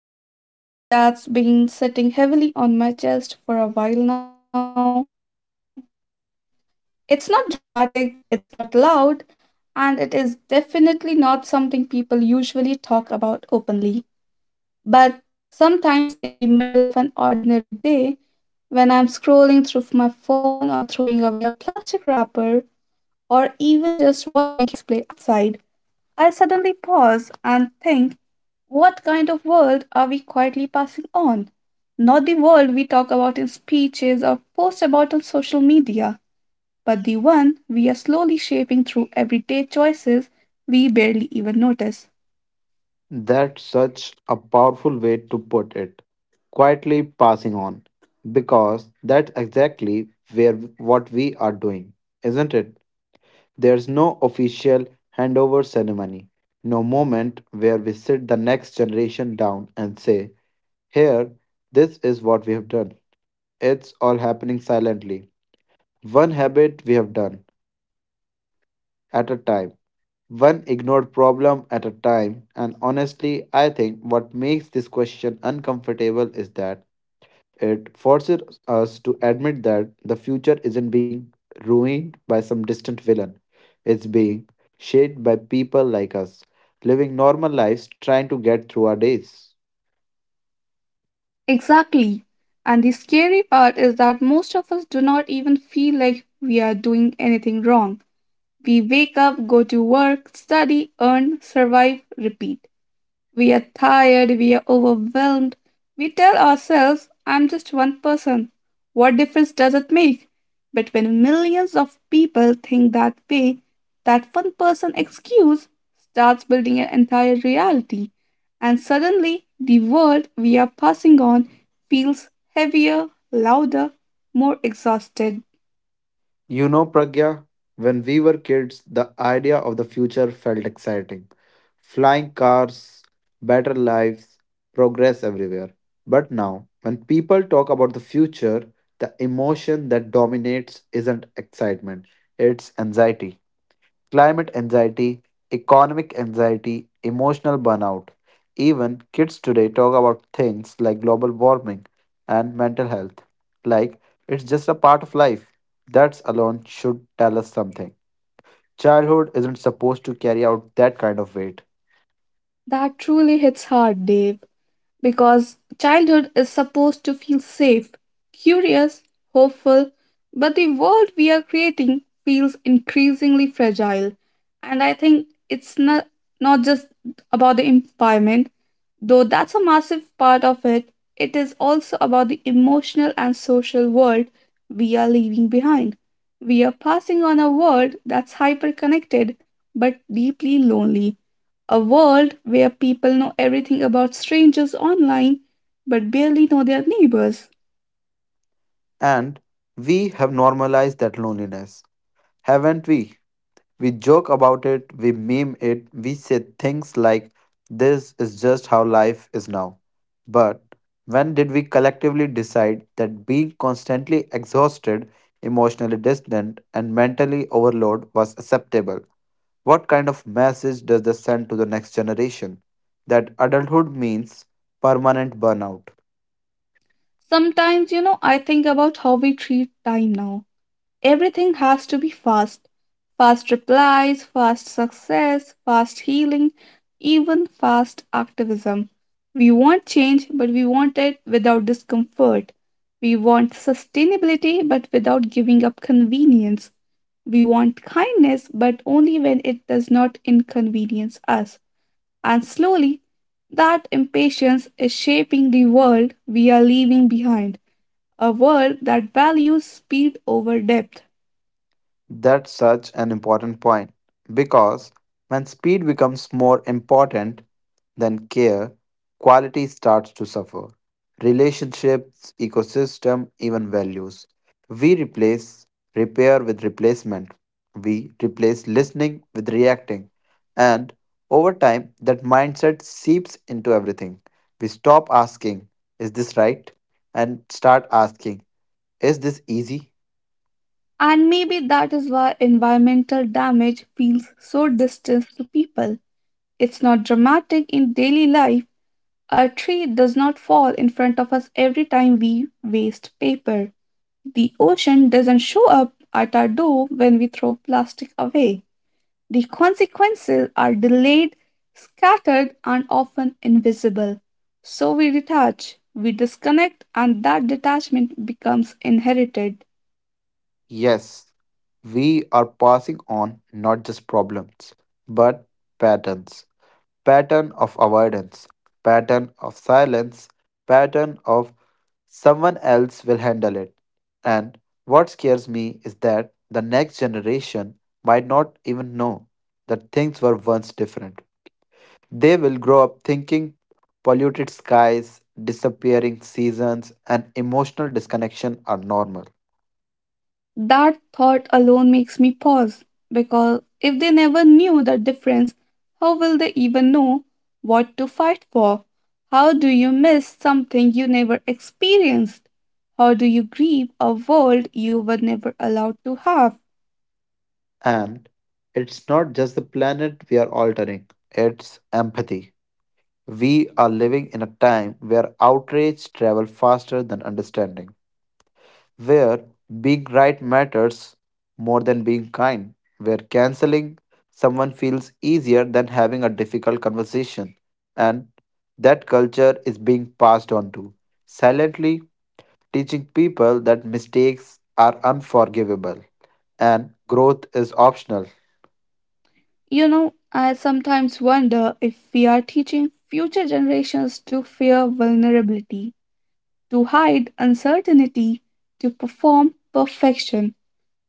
with something that's been sitting heavily on my chest for a while now? It's not dramatic, it's not loud, and it is definitely not something people usually talk about openly. But sometimes, in the middle of an ordinary day, when I'm scrolling through my phone or throwing away a plastic wrapper, or even just watching kids play outside, I suddenly pause and think, what kind of world are we quietly passing on? Not the world we talk about in speeches or post about on social media, but the one we are slowly shaping through everyday choices we barely even notice. That's such a powerful way to put it, quietly passing on. Because that's exactly where what we are doing, isn't it? There's no official handover ceremony, no moment where we sit the next generation down and say, Here, this is what we have done. It's all happening silently, one habit we have done at a time. One ignored problem at a time. And honestly, I think what makes this question uncomfortable is that it forces us to admit that the future isn't being ruined by some distant villain, it's being shaped by people like us, living normal lives trying to get through our days. Exactly. And the scary part is that most of us do not even feel like we are doing anything wrong. We wake up, go to work, study, earn, survive, repeat. We are tired, we are overwhelmed. We tell ourselves, I'm just one person. What difference does it make? But when millions of people think that way, that one person excuse starts building an entire reality. And suddenly, the world we are passing on feels heavier, louder, more exhausted. You know, Pragya, when we were kids, the idea of the future felt exciting. Flying cars, better lives, progress everywhere. But now, when people talk about the future, the emotion that dominates isn't excitement, it's anxiety climate anxiety, economic anxiety, emotional burnout. Even kids today talk about things like global warming and mental health. Like it's just a part of life. That alone should tell us something. Childhood isn't supposed to carry out that kind of weight. That truly hits hard, Dave, because childhood is supposed to feel safe, curious, hopeful, but the world we are creating feels increasingly fragile. And I think it's not just about the environment, though that's a massive part of it, it is also about the emotional and social world we are leaving behind. We are passing on a world that's hyper connected but deeply lonely, a world where people know everything about strangers online but barely know their neighbors. And we have normalized that loneliness, haven't we? We joke about it, we meme it, we say things like, this is just how life is now. But when did we collectively decide that being constantly exhausted, emotionally distant, and mentally overloaded was acceptable? What kind of message does this send to the next generation? That adulthood means permanent burnout. Sometimes, you know, I think about how we treat time now. Everything has to be fast, fast replies, fast success, fast healing, even fast activism. We want change, but we want it without discomfort. We want sustainability, but without giving up convenience. We want kindness, but only when it does not inconvenience us. And slowly, that impatience is shaping the world we are leaving behind, a world that values speed over depth. That's such an important point because when speed becomes more important than care, quality starts to suffer. Relationships, ecosystem, even values. We replace repair with replacement. We replace listening with reacting. And over time, that mindset seeps into everything. We stop asking, Is this right? and start asking, Is this easy? And maybe that is why environmental damage feels so distant to people. It's not dramatic in daily life. A tree does not fall in front of us every time we waste paper. The ocean doesn't show up at our door when we throw plastic away. The consequences are delayed, scattered, and often invisible. So we detach, we disconnect, and that detachment becomes inherited. Yes, we are passing on not just problems, but patterns. Pattern of avoidance, pattern of silence, pattern of someone else will handle it. And what scares me is that the next generation might not even know that things were once different. They will grow up thinking polluted skies, disappearing seasons, and emotional disconnection are normal. That thought alone makes me pause because if they never knew the difference, how will they even know what to fight for? How do you miss something you never experienced? How do you grieve a world you were never allowed to have? And it's not just the planet we are altering, it's empathy. We are living in a time where outrage travels faster than understanding, where being right matters more than being kind, where canceling someone feels easier than having a difficult conversation. And that culture is being passed on to, silently teaching people that mistakes are unforgivable and growth is optional. You know, I sometimes wonder if we are teaching future generations to fear vulnerability, to hide uncertainty, to perform perfection.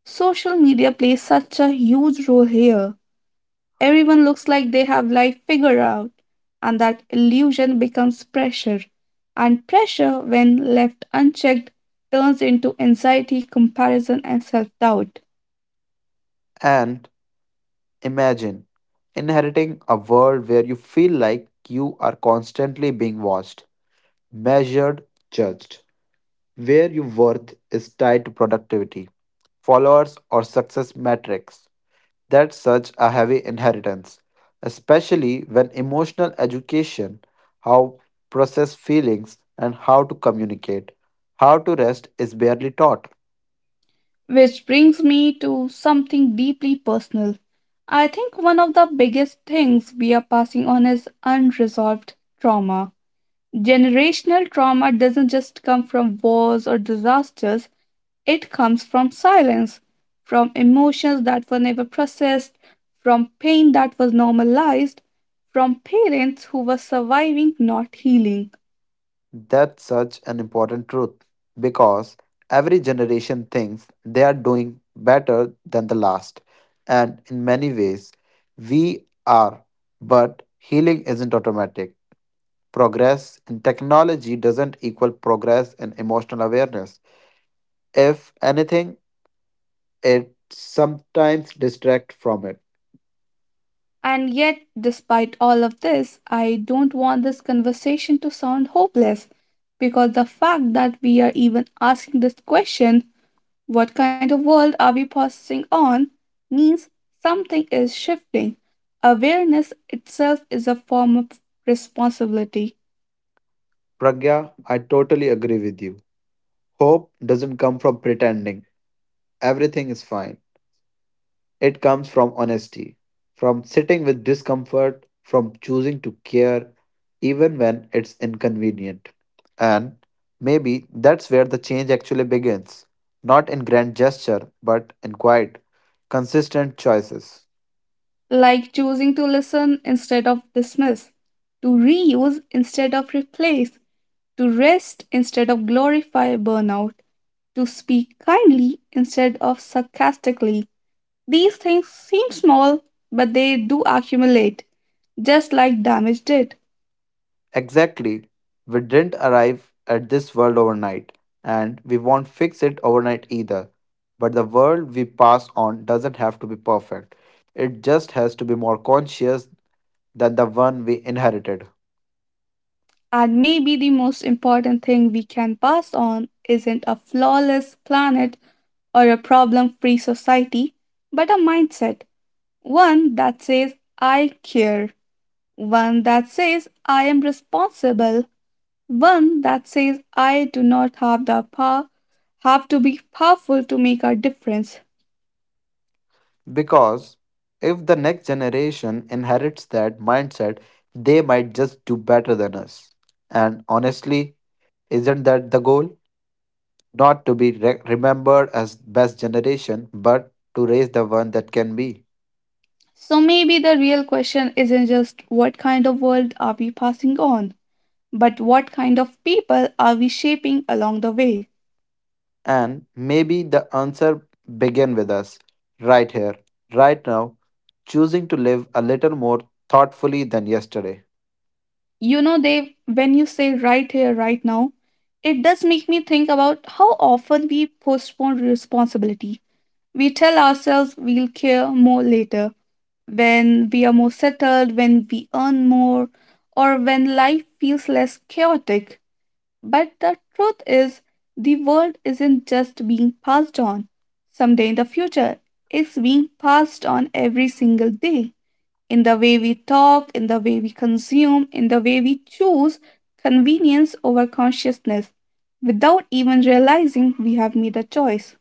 Social media plays such a huge role here. Everyone looks like they have life figured out, and that illusion becomes pressure. And pressure, when left unchecked, turns into anxiety, comparison, and self doubt. And Imagine inheriting a world where you feel like you are constantly being watched, measured, judged, where your worth is tied to productivity, followers, or success metrics. That's such a heavy inheritance, especially when emotional education, how process feelings, and how to communicate, how to rest is barely taught. Which brings me to something deeply personal. I think one of the biggest things we are passing on is unresolved trauma. Generational trauma doesn't just come from wars or disasters, it comes from silence, from emotions that were never processed, from pain that was normalized, from parents who were surviving, not healing. That's such an important truth because every generation thinks they are doing better than the last. And in many ways, we are. But healing isn't automatic. Progress in technology doesn't equal progress in emotional awareness. If anything, it sometimes distracts from it. And yet, despite all of this, I don't want this conversation to sound hopeless because the fact that we are even asking this question, what kind of world are we processing on, means something is shifting. Awareness itself is a form of responsibility, Pragya, I totally agree with you. Hope doesn't come from pretending everything is fine. It comes from honesty, from sitting with discomfort, from choosing to care even when it's inconvenient. And maybe that's where the change actually begins not in grand gesture, but in quiet, consistent choices. like choosing to listen instead of dismiss, to reuse instead of replace, to rest instead of glorify burnout, to speak kindly instead of sarcastically. These things seem small, but they do accumulate, just like damage did. Exactly. We didn't arrive at this world overnight, and we won't fix it overnight either. But the world we pass on doesn't have to be perfect. It just has to be more conscious than the one we inherited. And maybe the most important thing we can pass on isn't a flawless planet or a problem free society, but a mindset. One that says, I care. One that says, I am responsible. One that says, I do not have the power, have to be powerful to make a difference. Because if the next generation inherits that mindset, they might just do better than us. And honestly, isn't that the goal? Not to be remembered as best generation, but to raise the one that can be. So maybe the real question isn't just what kind of world are we passing on, but what kind of people are we shaping along the way? And maybe the answer begin with us, right here, right now, choosing to live a little more thoughtfully than yesterday. You know, Dave, when you say right here, right now, it does make me think about how often we postpone responsibility. We tell ourselves we'll care more later, when we are more settled, when we earn more, or when life feels less chaotic. But the truth is, the world isn't just being passed on someday in the future, it's being passed on every single day. In the way we talk, in the way we consume, in the way we choose convenience over consciousness, without even realizing we have made a choice.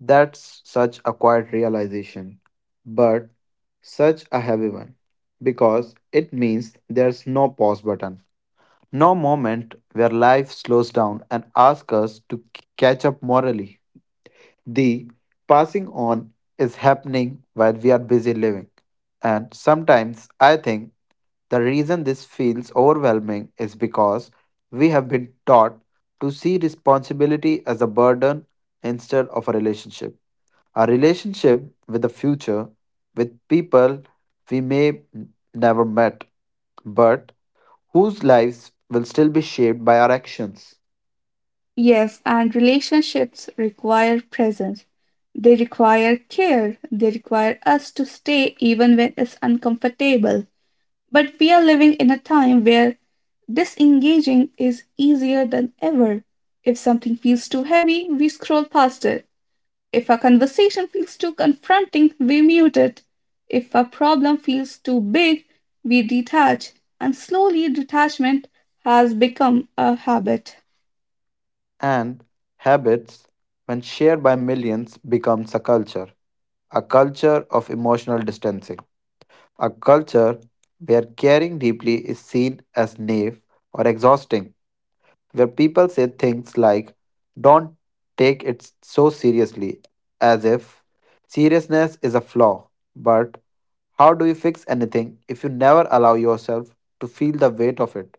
That's such a quiet realization, but such a heavy one because it means there's no pause button, no moment where life slows down and asks us to catch up morally. The passing on is happening while we are busy living, and sometimes I think the reason this feels overwhelming is because we have been taught to see responsibility as a burden instead of a relationship our relationship with the future, with people we may never met, but whose lives will still be shaped by our actions Yes, and relationships require presence. They require care. They require us to stay even when it's uncomfortable. But we are living in a time where disengaging is easier than ever. If something feels too heavy, we scroll past it. If a conversation feels too confronting, we mute it. If a problem feels too big, we detach. And slowly, detachment has become a habit. and habits when shared by millions becomes a culture of emotional distancing, a culture where caring deeply is seen as naive or exhausting, where people say things like, don't take it so seriously, as if seriousness is a flaw. But how do you fix anything if you never allow yourself to feel the weight of it?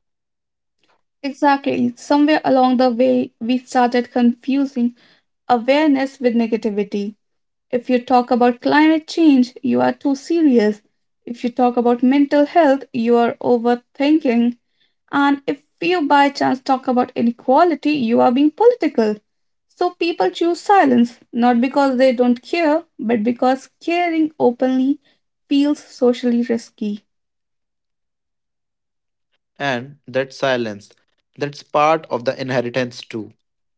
Exactly. Somewhere along the way, we started confusing awareness with negativity. If you talk about climate change, you are too serious. If you talk about mental health, you are overthinking. And if you by chance talk about inequality, you are being political. So people choose silence, not because they don't care, but because caring openly feels socially risky. And that silence, that's part of the inheritance too.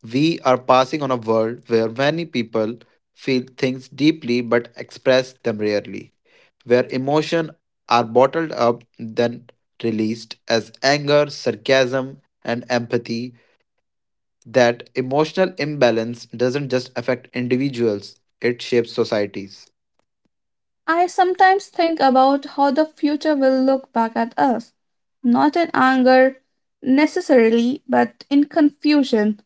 We are passing on a world where many people feel things deeply but express them rarely. Where emotions are bottled up, then released as anger, sarcasm, and empathy. That emotional imbalance doesn't just affect individuals, it shapes societies. I sometimes think about how the future will look back at us, not in anger necessarily, but in confusion.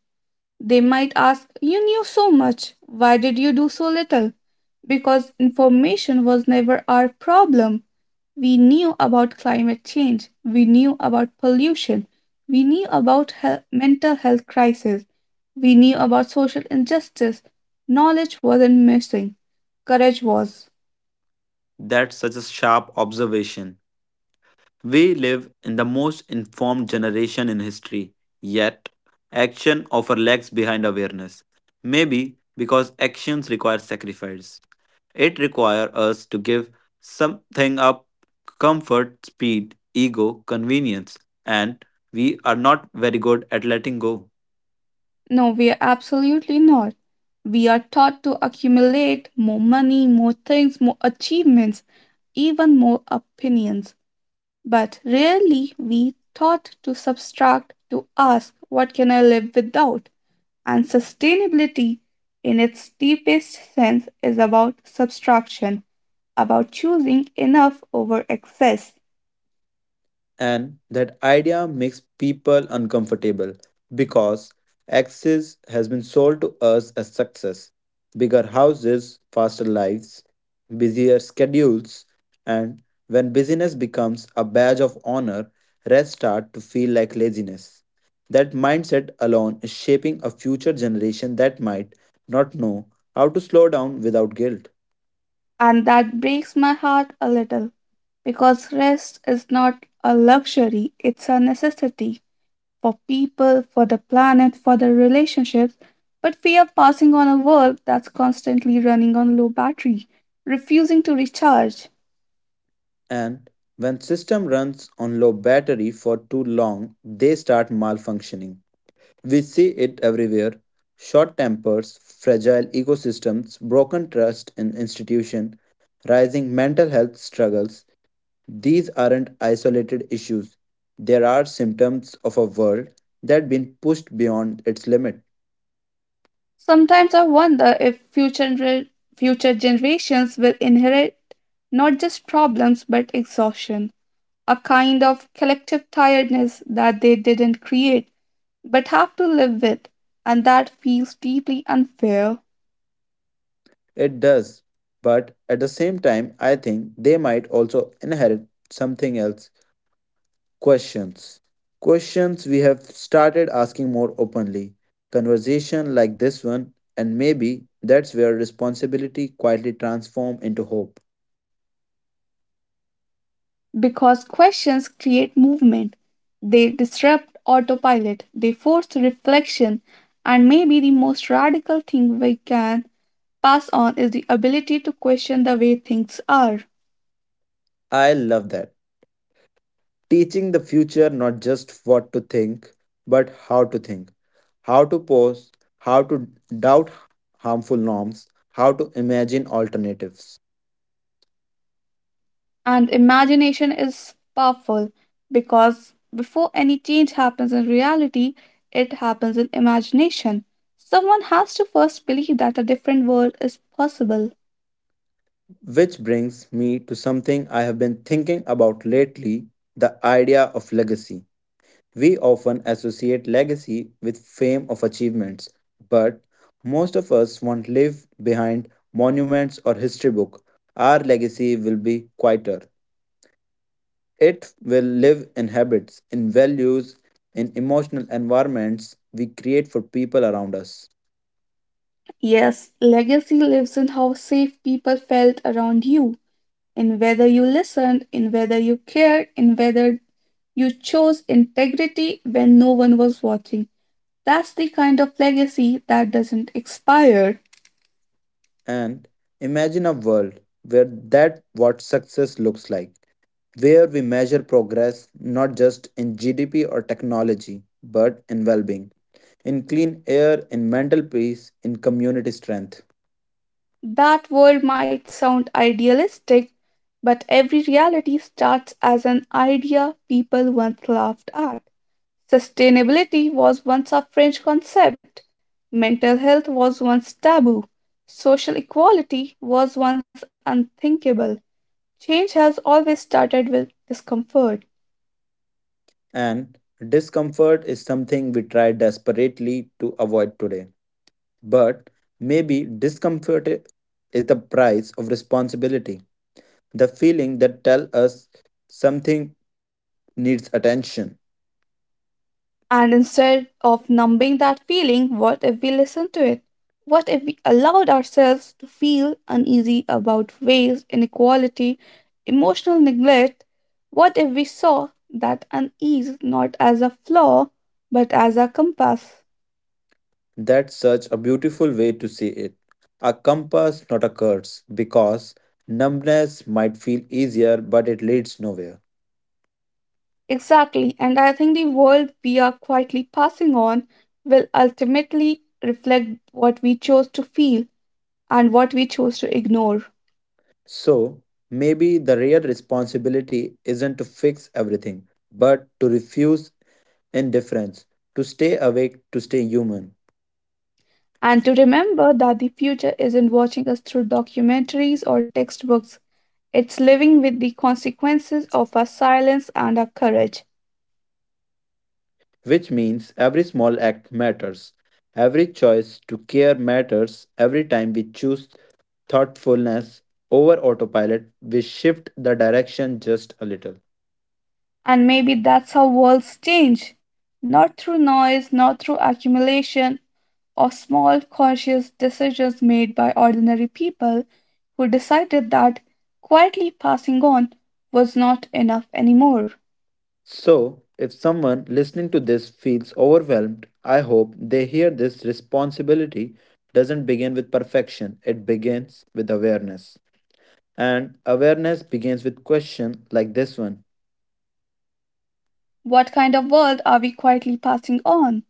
They might ask, you knew so much, why did you do so little? Because information was never our problem. We knew about climate change, we knew about pollution, we knew about mental health crisis, we knew about social injustice. Knowledge wasn't missing, courage was. That's such a sharp observation. We live in the most informed generation in history, yet, action often lags behind awareness. Maybe because actions require sacrifice. It requires us to give something up comfort, speed, ego, convenience, and we are not very good at letting go. No, we are absolutely not. We are taught to accumulate more money, more things, more achievements, even more opinions. But rarely we taught to subtract, to ask, what can I live without? And sustainability, in its deepest sense, is about subtraction, about choosing enough over excess. And that idea makes people uncomfortable because access has been sold to us as success bigger houses faster lives busier schedules and when busyness becomes a badge of honor rest start to feel like laziness that mindset alone is shaping a future generation that might not know how to slow down without guilt And that breaks my heart a little because rest is not a luxury, it's a necessity, for people, for the planet, for the relationships, but we are passing on a world that's constantly running on low battery, refusing to recharge. and when system runs on low battery for too long they start malfunctioning we see it everywhere short tempers fragile ecosystems broken trust in institution rising mental health struggles these aren't isolated issues there are symptoms of a world that been pushed beyond its limit Sometimes I wonder if future generations will inherit not just problems but exhaustion, a kind of collective tiredness that they didn't create but have to live with, and that feels deeply unfair. it does but at the same time I think they might also inherit something else Questions. Questions we have started asking more openly. Conversation like this one, and maybe that's where responsibility quietly transforms into hope. Because questions create movement. They disrupt autopilot, they force reflection, and maybe the most radical thing we can pass on is the ability to question the way things are. I love that. Teaching the future not just what to think, but how to think, how to pause, how to doubt harmful norms, how to imagine alternatives. And imagination is powerful because before any change happens in reality, it happens in imagination. Someone has to first believe that a different world is possible. Which brings me to something I have been thinking about lately the idea of legacy. We often associate legacy with fame of achievements, but most of us won't live behind monuments or history book. Our legacy will be quieter. It will live in habits, in values, in emotional environments we create for people around us. Yes, legacy lives in how safe people felt around you, in whether you listened, in whether you cared, in whether you chose integrity when no one was watching. That's the kind of legacy that doesn't expire. And imagine a world where that what success looks like, where we measure progress not just in GDP or technology, but in well-being in clean air, in mental peace, in community strength. That world might sound idealistic, but every reality starts as an idea people once laughed at. Sustainability was once a French concept, mental health was once taboo, social equality was once unthinkable. Change has always started with discomfort. And discomfort is something we try desperately to avoid today. But maybe discomfort is the price of responsibility, the feeling that tells us something needs attention. And instead of numbing that feeling, what if we listened to it? What if we allowed ourselves to feel uneasy about waste, inequality, emotional neglect? What if we saw that unease not as a flaw, but as a compass? That's such a beautiful way to see it. A compass, not a curse, because numbness might feel easier, but it leads nowhere. Exactly, and I think the world we are quietly passing on will ultimately reflect what we chose to feel and what we chose to ignore. So maybe the real responsibility isn't to fix everything, but to refuse indifference, to stay awake, to stay human. And to remember that the future isn't watching us through documentaries or textbooks, it's living with the consequences of our silence and our courage. Which means every small act matters. Every choice to care matters. Every time we choose thoughtfulness over autopilot, we shift the direction just a little. And maybe that's how worlds change, not through noise, not through accumulation of small conscious decisions made by ordinary people who decided that quietly passing on was not enough anymore. So, if someone listening to this feels overwhelmed, I hope they hear this responsibility doesn't begin with perfection, it begins with awareness. And awareness begins with question like this one. What kind of world are we quietly passing on?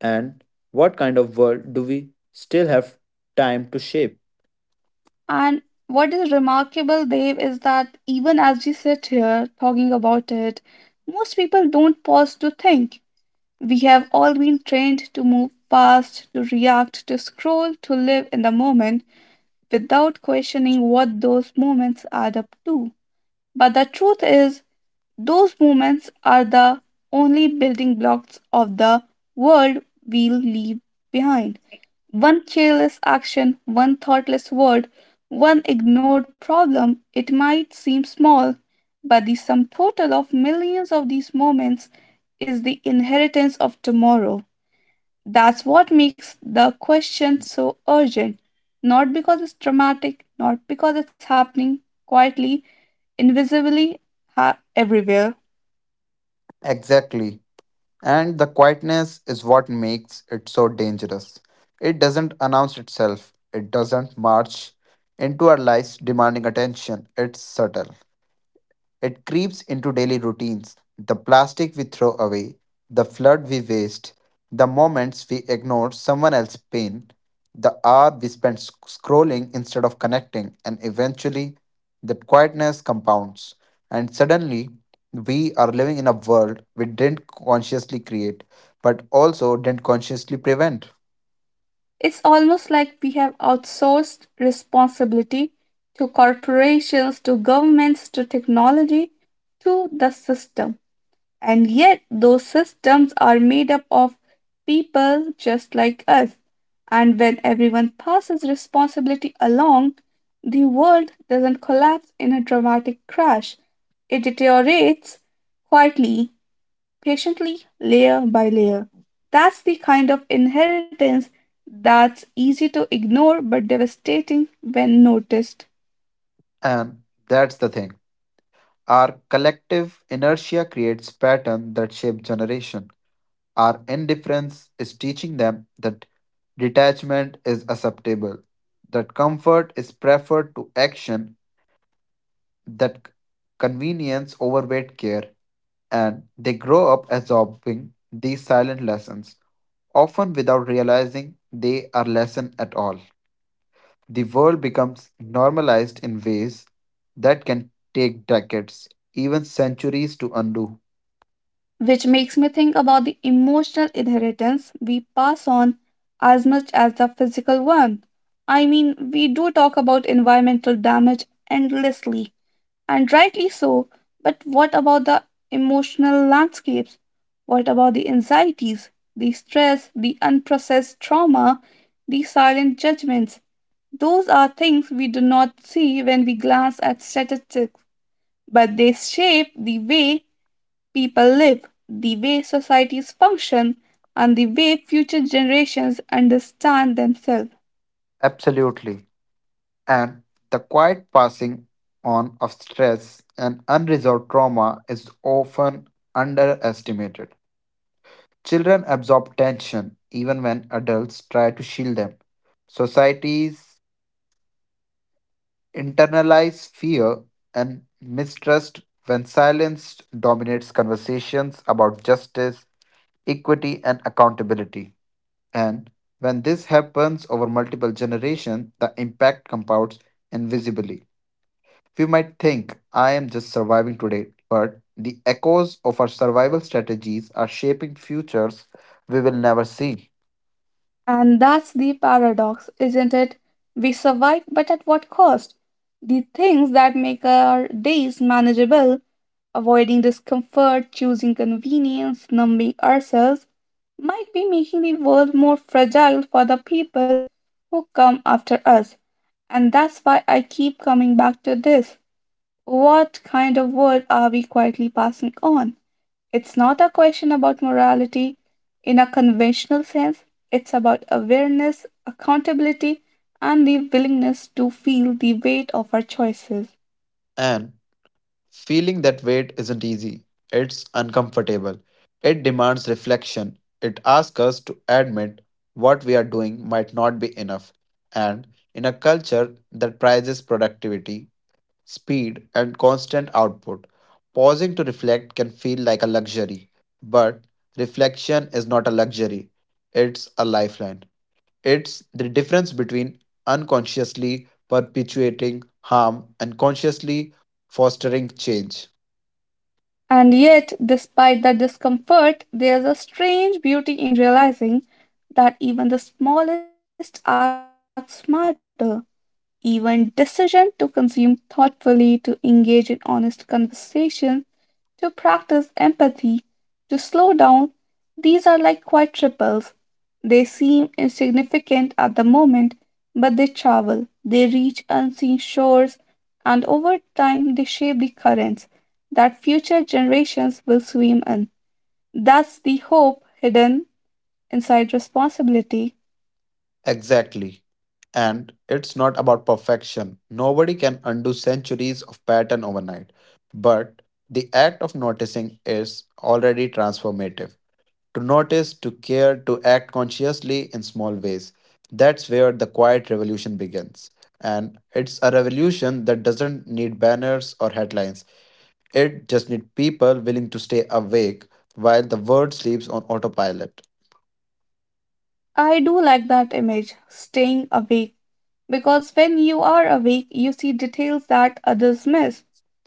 And what kind of world do we still have time to shape? And what is remarkable, Dave, is that even as we sit here talking about it, most people don't pause to think. We have all been trained to move fast, to react, to scroll, to live in the moment without questioning what those moments add up to. But the truth is, those moments are the only building blocks of the world we'll leave behind. One careless action, one thoughtless word, one ignored problem, it might seem small, but the sum total of millions of these moments is the inheritance of tomorrow. That's what makes the question so urgent. Not because it's dramatic, not because it's happening quietly, invisibly, everywhere. Exactly. And the quietness is what makes it so dangerous. It doesn't announce itself, it doesn't march into our lives demanding attention. It's subtle. It creeps into daily routines, the plastic we throw away, the flood we waste, the moments we ignore someone else's pain, the hour we spend scrolling instead of connecting, and eventually that quietness compounds. And suddenly, we are living in a world we didn't consciously create, but also didn't consciously prevent. It's almost like we have outsourced responsibility to corporations, to governments, to technology, to the system. And yet, those systems are made up of people just like us. And when everyone passes responsibility along, the world doesn't collapse in a dramatic crash, it deteriorates quietly, patiently, layer by layer. That's the kind of inheritance that's easy to ignore but devastating when noticed. And that's the thing. Our collective inertia creates pattern that shape generation. Our indifference is teaching them that detachment is acceptable, that comfort is preferred to action, that convenience overweight care, and they grow up absorbing these silent lessons, often without realizing they are lesson at all. The world becomes normalized in ways that can take decades, even centuries to undo. Which makes me think about the emotional inheritance we pass on as much as the physical one. I mean, we do talk about environmental damage endlessly, and rightly so. But what about the emotional landscapes? What about the anxieties, the stress, the unprocessed trauma, the silent judgments? Those are things we do not see when we glance at statistics, but they shape the way people live, the way societies function, and the way future generations understand themselves. Absolutely. And the quiet passing on of stress and unresolved trauma is often underestimated. Children absorb tension even when adults try to shield them. Societies internalize fear and mistrust when silence dominates conversations about justice, equity, and accountability. And when this happens over multiple generations, the impact compounds invisibly. We might think I am just surviving today, but the echoes of our survival strategies are shaping futures we will never see. And that's the paradox, isn't it? We survive, but at what cost? The things that make our days manageable, avoiding discomfort, choosing convenience, numbing ourselves, might be making the world more fragile for the people who come after us. And that's why I keep coming back to this. What kind of world are we quietly passing on? It's not a question about morality in a conventional sense, it's about awareness, accountability, and the willingness to feel the weight of our choices. And feeling that weight isn't easy, it's uncomfortable. It demands reflection. It asks us to admit what we are doing might not be enough. And in a culture that prizes productivity, speed, and constant output, pausing to reflect can feel like a luxury, but reflection is not a luxury, it's a lifeline. It's the difference between unconsciously perpetuating harm and consciously fostering change. And yet, despite the discomfort, there's a strange beauty in realizing that even the smallest acts matter. Even decision to consume thoughtfully, to engage in honest conversation, to practice empathy, to slow down, these are like quiet ripples. They seem insignificant at the moment, but they travel, they reach unseen shores, and over time they shape the currents that future generations will swim in. That's the hope hidden inside responsibility. Exactly. And it's not about perfection. Nobody can undo centuries of pattern overnight. But the act of noticing is already transformative. To notice, to care, to act consciously in small ways. That's where the quiet revolution begins. And it's a revolution that doesn't need banners or headlines. It just needs people willing to stay awake while the world sleeps on autopilot. I do like that image, staying awake. Because when you are awake, you see details that others miss.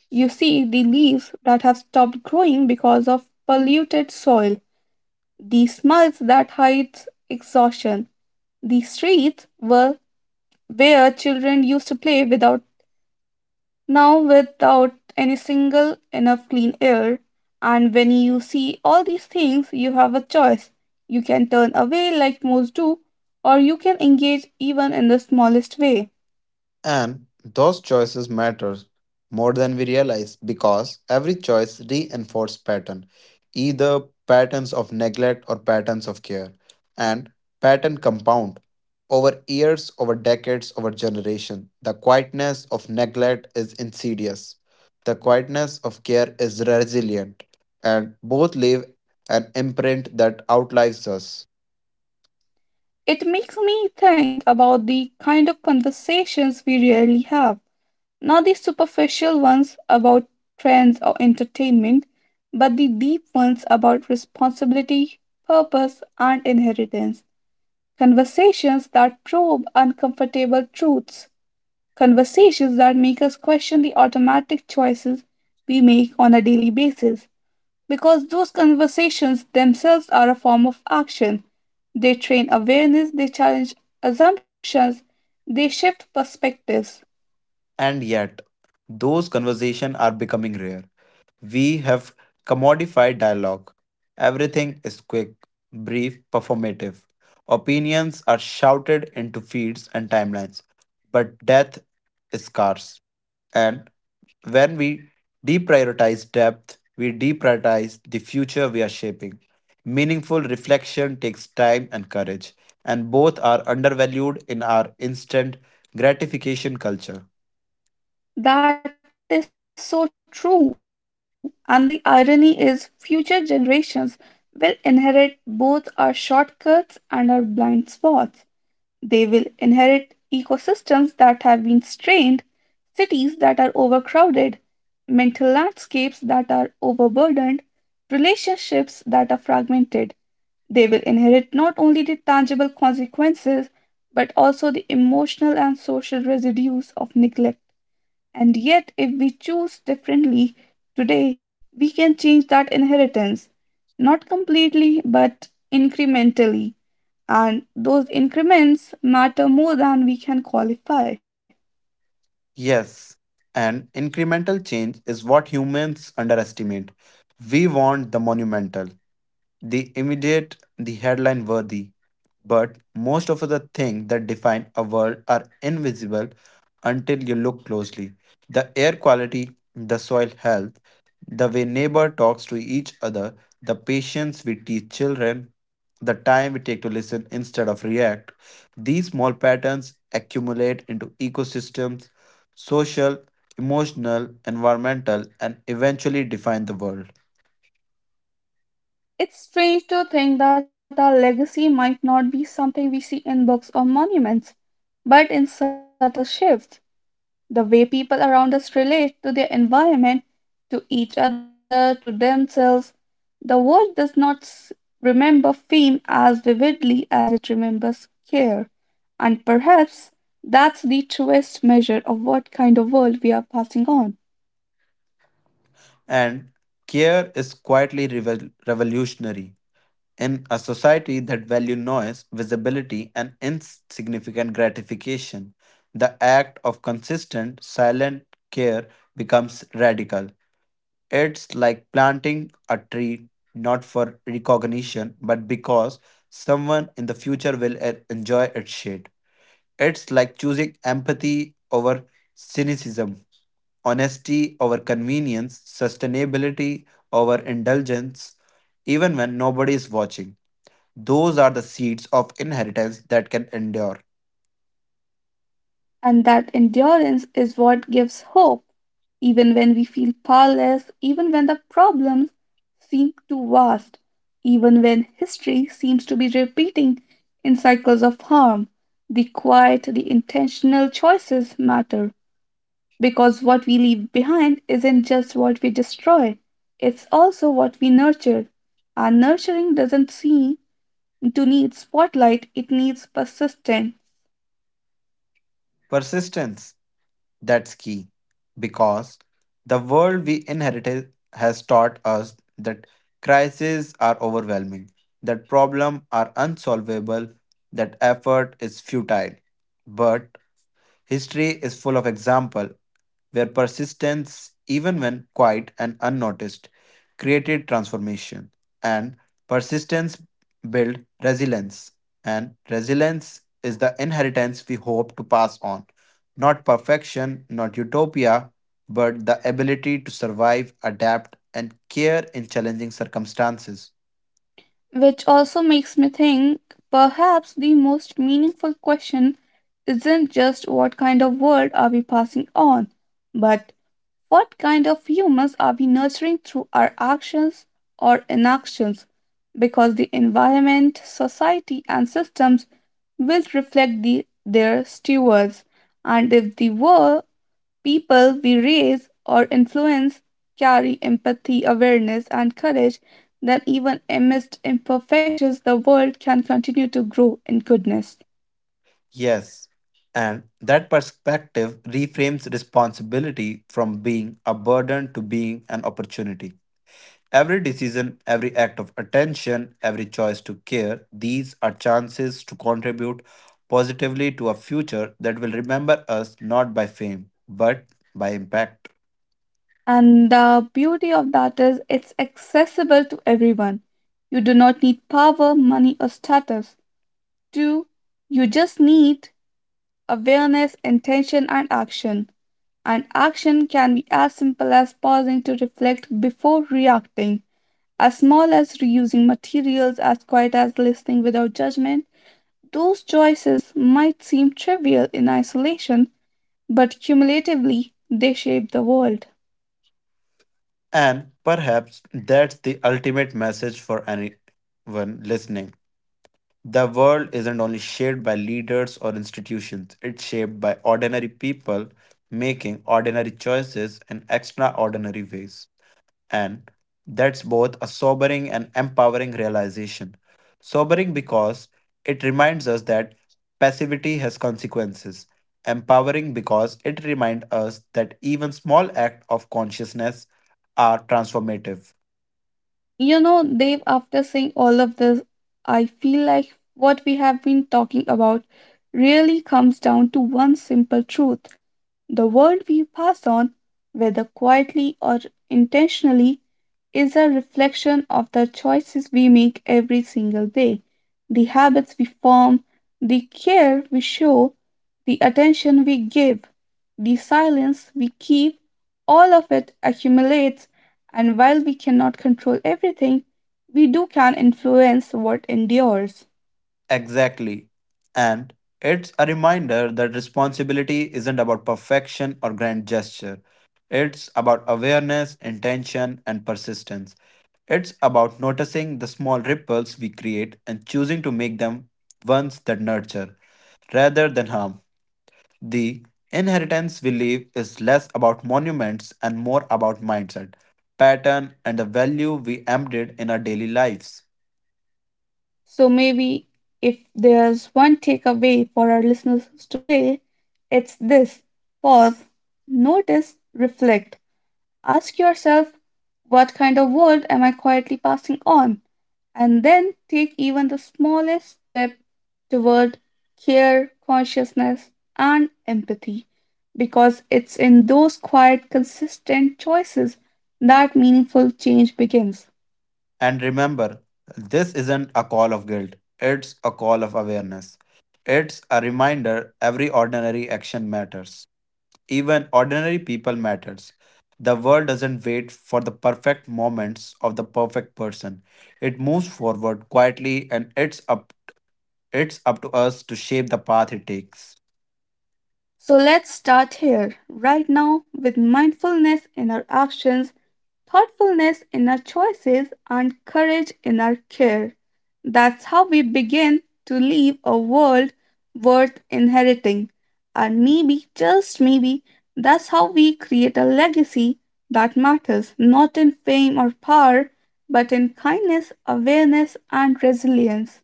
You see the leaves that have stopped growing because of polluted soil, the smiles that hide exhaustion, the streets were where children used to play without, now without any single enough clean air. And when you see all these things, you have a choice. You can turn away like most do, or you can engage even in the smallest way. And those choices matter more than we realize, because every choice reinforces pattern, either patterns of neglect or patterns of care, and pattern compound over years, over decades, over generation. The quietness of neglect is insidious. The quietness of care is resilient, and both leave an imprint that outlives us. It makes me think about the kind of conversations we rarely have. Not the superficial ones about trends or entertainment, but the deep ones about responsibility, purpose, and inheritance. Conversations that probe uncomfortable truths. Conversations that make us question the automatic choices we make on a daily basis, because those conversations themselves are a form of action. They train awareness, they challenge assumptions, they shift perspectives. And yet, those conversations are becoming rare. We have commodified dialogue. Everything is quick, brief, performative. Opinions are shouted into feeds and timelines, but death is scarce. And when we deprioritize depth, we deprioritize the future we are shaping. Meaningful reflection takes time and courage, and both are undervalued in our instant gratification culture. That is so true. And the irony is, future generations will inherit both our shortcuts and our blind spots. They will inherit ecosystems that have been strained, cities that are overcrowded, mental landscapes that are overburdened, relationships that are fragmented. They will inherit not only the tangible consequences, but also the emotional and social residues of neglect. And yet, if we choose differently today, we can change that inheritance, not completely, but incrementally. And those increments matter more than we can qualify. Yes, and incremental change is what humans underestimate. We want the monumental, the immediate, the headline worthy. But most of the things that define a world are invisible until you look closely. The air quality, the soil health, the way neighbor talks to each other, the patience we teach children, the time we take to listen instead of react, these small patterns accumulate into ecosystems, social, emotional, environmental, and eventually define the world. It's strange to think that our legacy might not be something we see in books or monuments, but in subtle shifts. The way people around us relate to their environment, to each other, to themselves. The world does not remember fame as vividly as it remembers care. And perhaps that's the truest measure of what kind of world we are passing on. And care is quietly revolutionary. In a society that values noise, visibility, and insignificant gratification, the act of consistent, silent care becomes radical. It's like planting a tree not for recognition, but because someone in the future will enjoy its shade. It's like choosing empathy over cynicism, honesty over convenience, sustainability over indulgence, even when nobody is watching. Those are the seeds of inheritance that can endure. And that endurance is what gives hope. Even when we feel powerless, even when the problems seem too vast, even when history seems to be repeating in cycles of harm. The quiet, the intentional choices matter, because what we leave behind isn't just what we destroy, it's also what we nurture. Our nurturing doesn't seem to need spotlight, it needs persistence. Persistence, that's key. Because the world we inherited has taught us that crises are overwhelming, that problems are unsolvable, that effort is futile. But history is full of examples where persistence, even when quiet and unnoticed, created transformation. And persistence built resilience. And resilience is the inheritance we hope to pass on. Not perfection, not utopia, but the ability to survive, adapt, and care in challenging circumstances. Which also makes me think, perhaps the most meaningful question isn't just what kind of world are we passing on, but what kind of humans are we nurturing through our actions or inactions? Because the environment, society, and systems will reflect the, their stewards, and if the world, people we raise or influence carry empathy, awareness, and courage, that even amidst imperfections, the world can continue to grow in goodness. Yes. And that perspective reframes responsibility from being a burden to being an opportunity. Every decision, every act of attention, every choice to care, these are chances to contribute positively to a future that will remember us not by fame, but by impact. And the beauty of that is it's accessible to everyone. You do not need power, money, or status. Two, you just need awareness, intention, and action. And action can be as simple as pausing to reflect before reacting, as small as reusing materials, as quiet as listening without judgment. Those choices might seem trivial in isolation, but cumulatively, they shape the world. And perhaps that's the ultimate message for anyone listening. The world isn't only shaped by leaders or institutions, it's shaped by ordinary people making ordinary choices in extraordinary ways. And that's both a sobering and empowering realization. Sobering because it reminds us that passivity has consequences. Empowering because it reminds us that even small acts of consciousness are transformative. You know, Dave, after saying all of this, I feel like what we have been talking about really comes down to one simple truth. The world we pass on, whether quietly or intentionally, is a reflection of the choices we make every single day, the habits we form, the care we show, the attention we give, the silence we keep. All of it accumulates, and while we cannot control everything, we do can influence what endures. Exactly. And it's a reminder that responsibility isn't about perfection or grand gesture. It's about awareness, intention, and persistence. It's about noticing the small ripples we create and choosing to make them ones that nurture rather than harm. The inheritance we leave is less about monuments and more about mindset, pattern, and the value we embed in our daily lives. So maybe if there's one takeaway for our listeners today, it's this. Pause, notice, reflect. Ask yourself, what kind of world am I quietly passing on? And then take even the smallest step toward care, consciousness, and empathy. Because it's in those quiet, consistent choices that meaningful change begins. And remember, this isn't a call of guilt, it's a call of awareness. It's a reminder every ordinary action matters. Even ordinary people matters. The world doesn't wait for the perfect moments of the perfect person. It moves forward quietly, and it's up to us to shape the path it takes. So let's start here, right now, with mindfulness in our actions, thoughtfulness in our choices, and courage in our care. That's how we begin to leave a world worth inheriting. And maybe, just maybe, that's how we create a legacy that matters, not in fame or power, but in kindness, awareness, and resilience.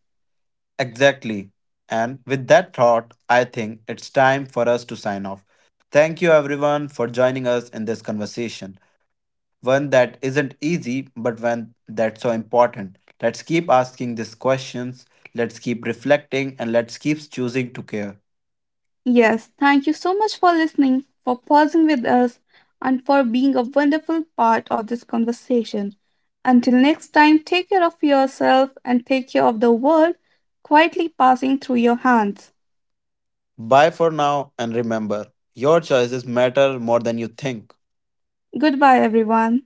Exactly. And with that thought, I think it's time for us to sign off. Thank you everyone for joining us in this conversation. One that isn't easy, but one that's so important. Let's keep asking these questions, let's keep reflecting, and let's keep choosing to care. Yes, thank you so much for listening, for pausing with us, and for being a wonderful part of this conversation. Until next time, take care of yourself and take care of the world quietly passing through your hands. Bye for now, and remember, your choices matter more than you think. Goodbye, everyone.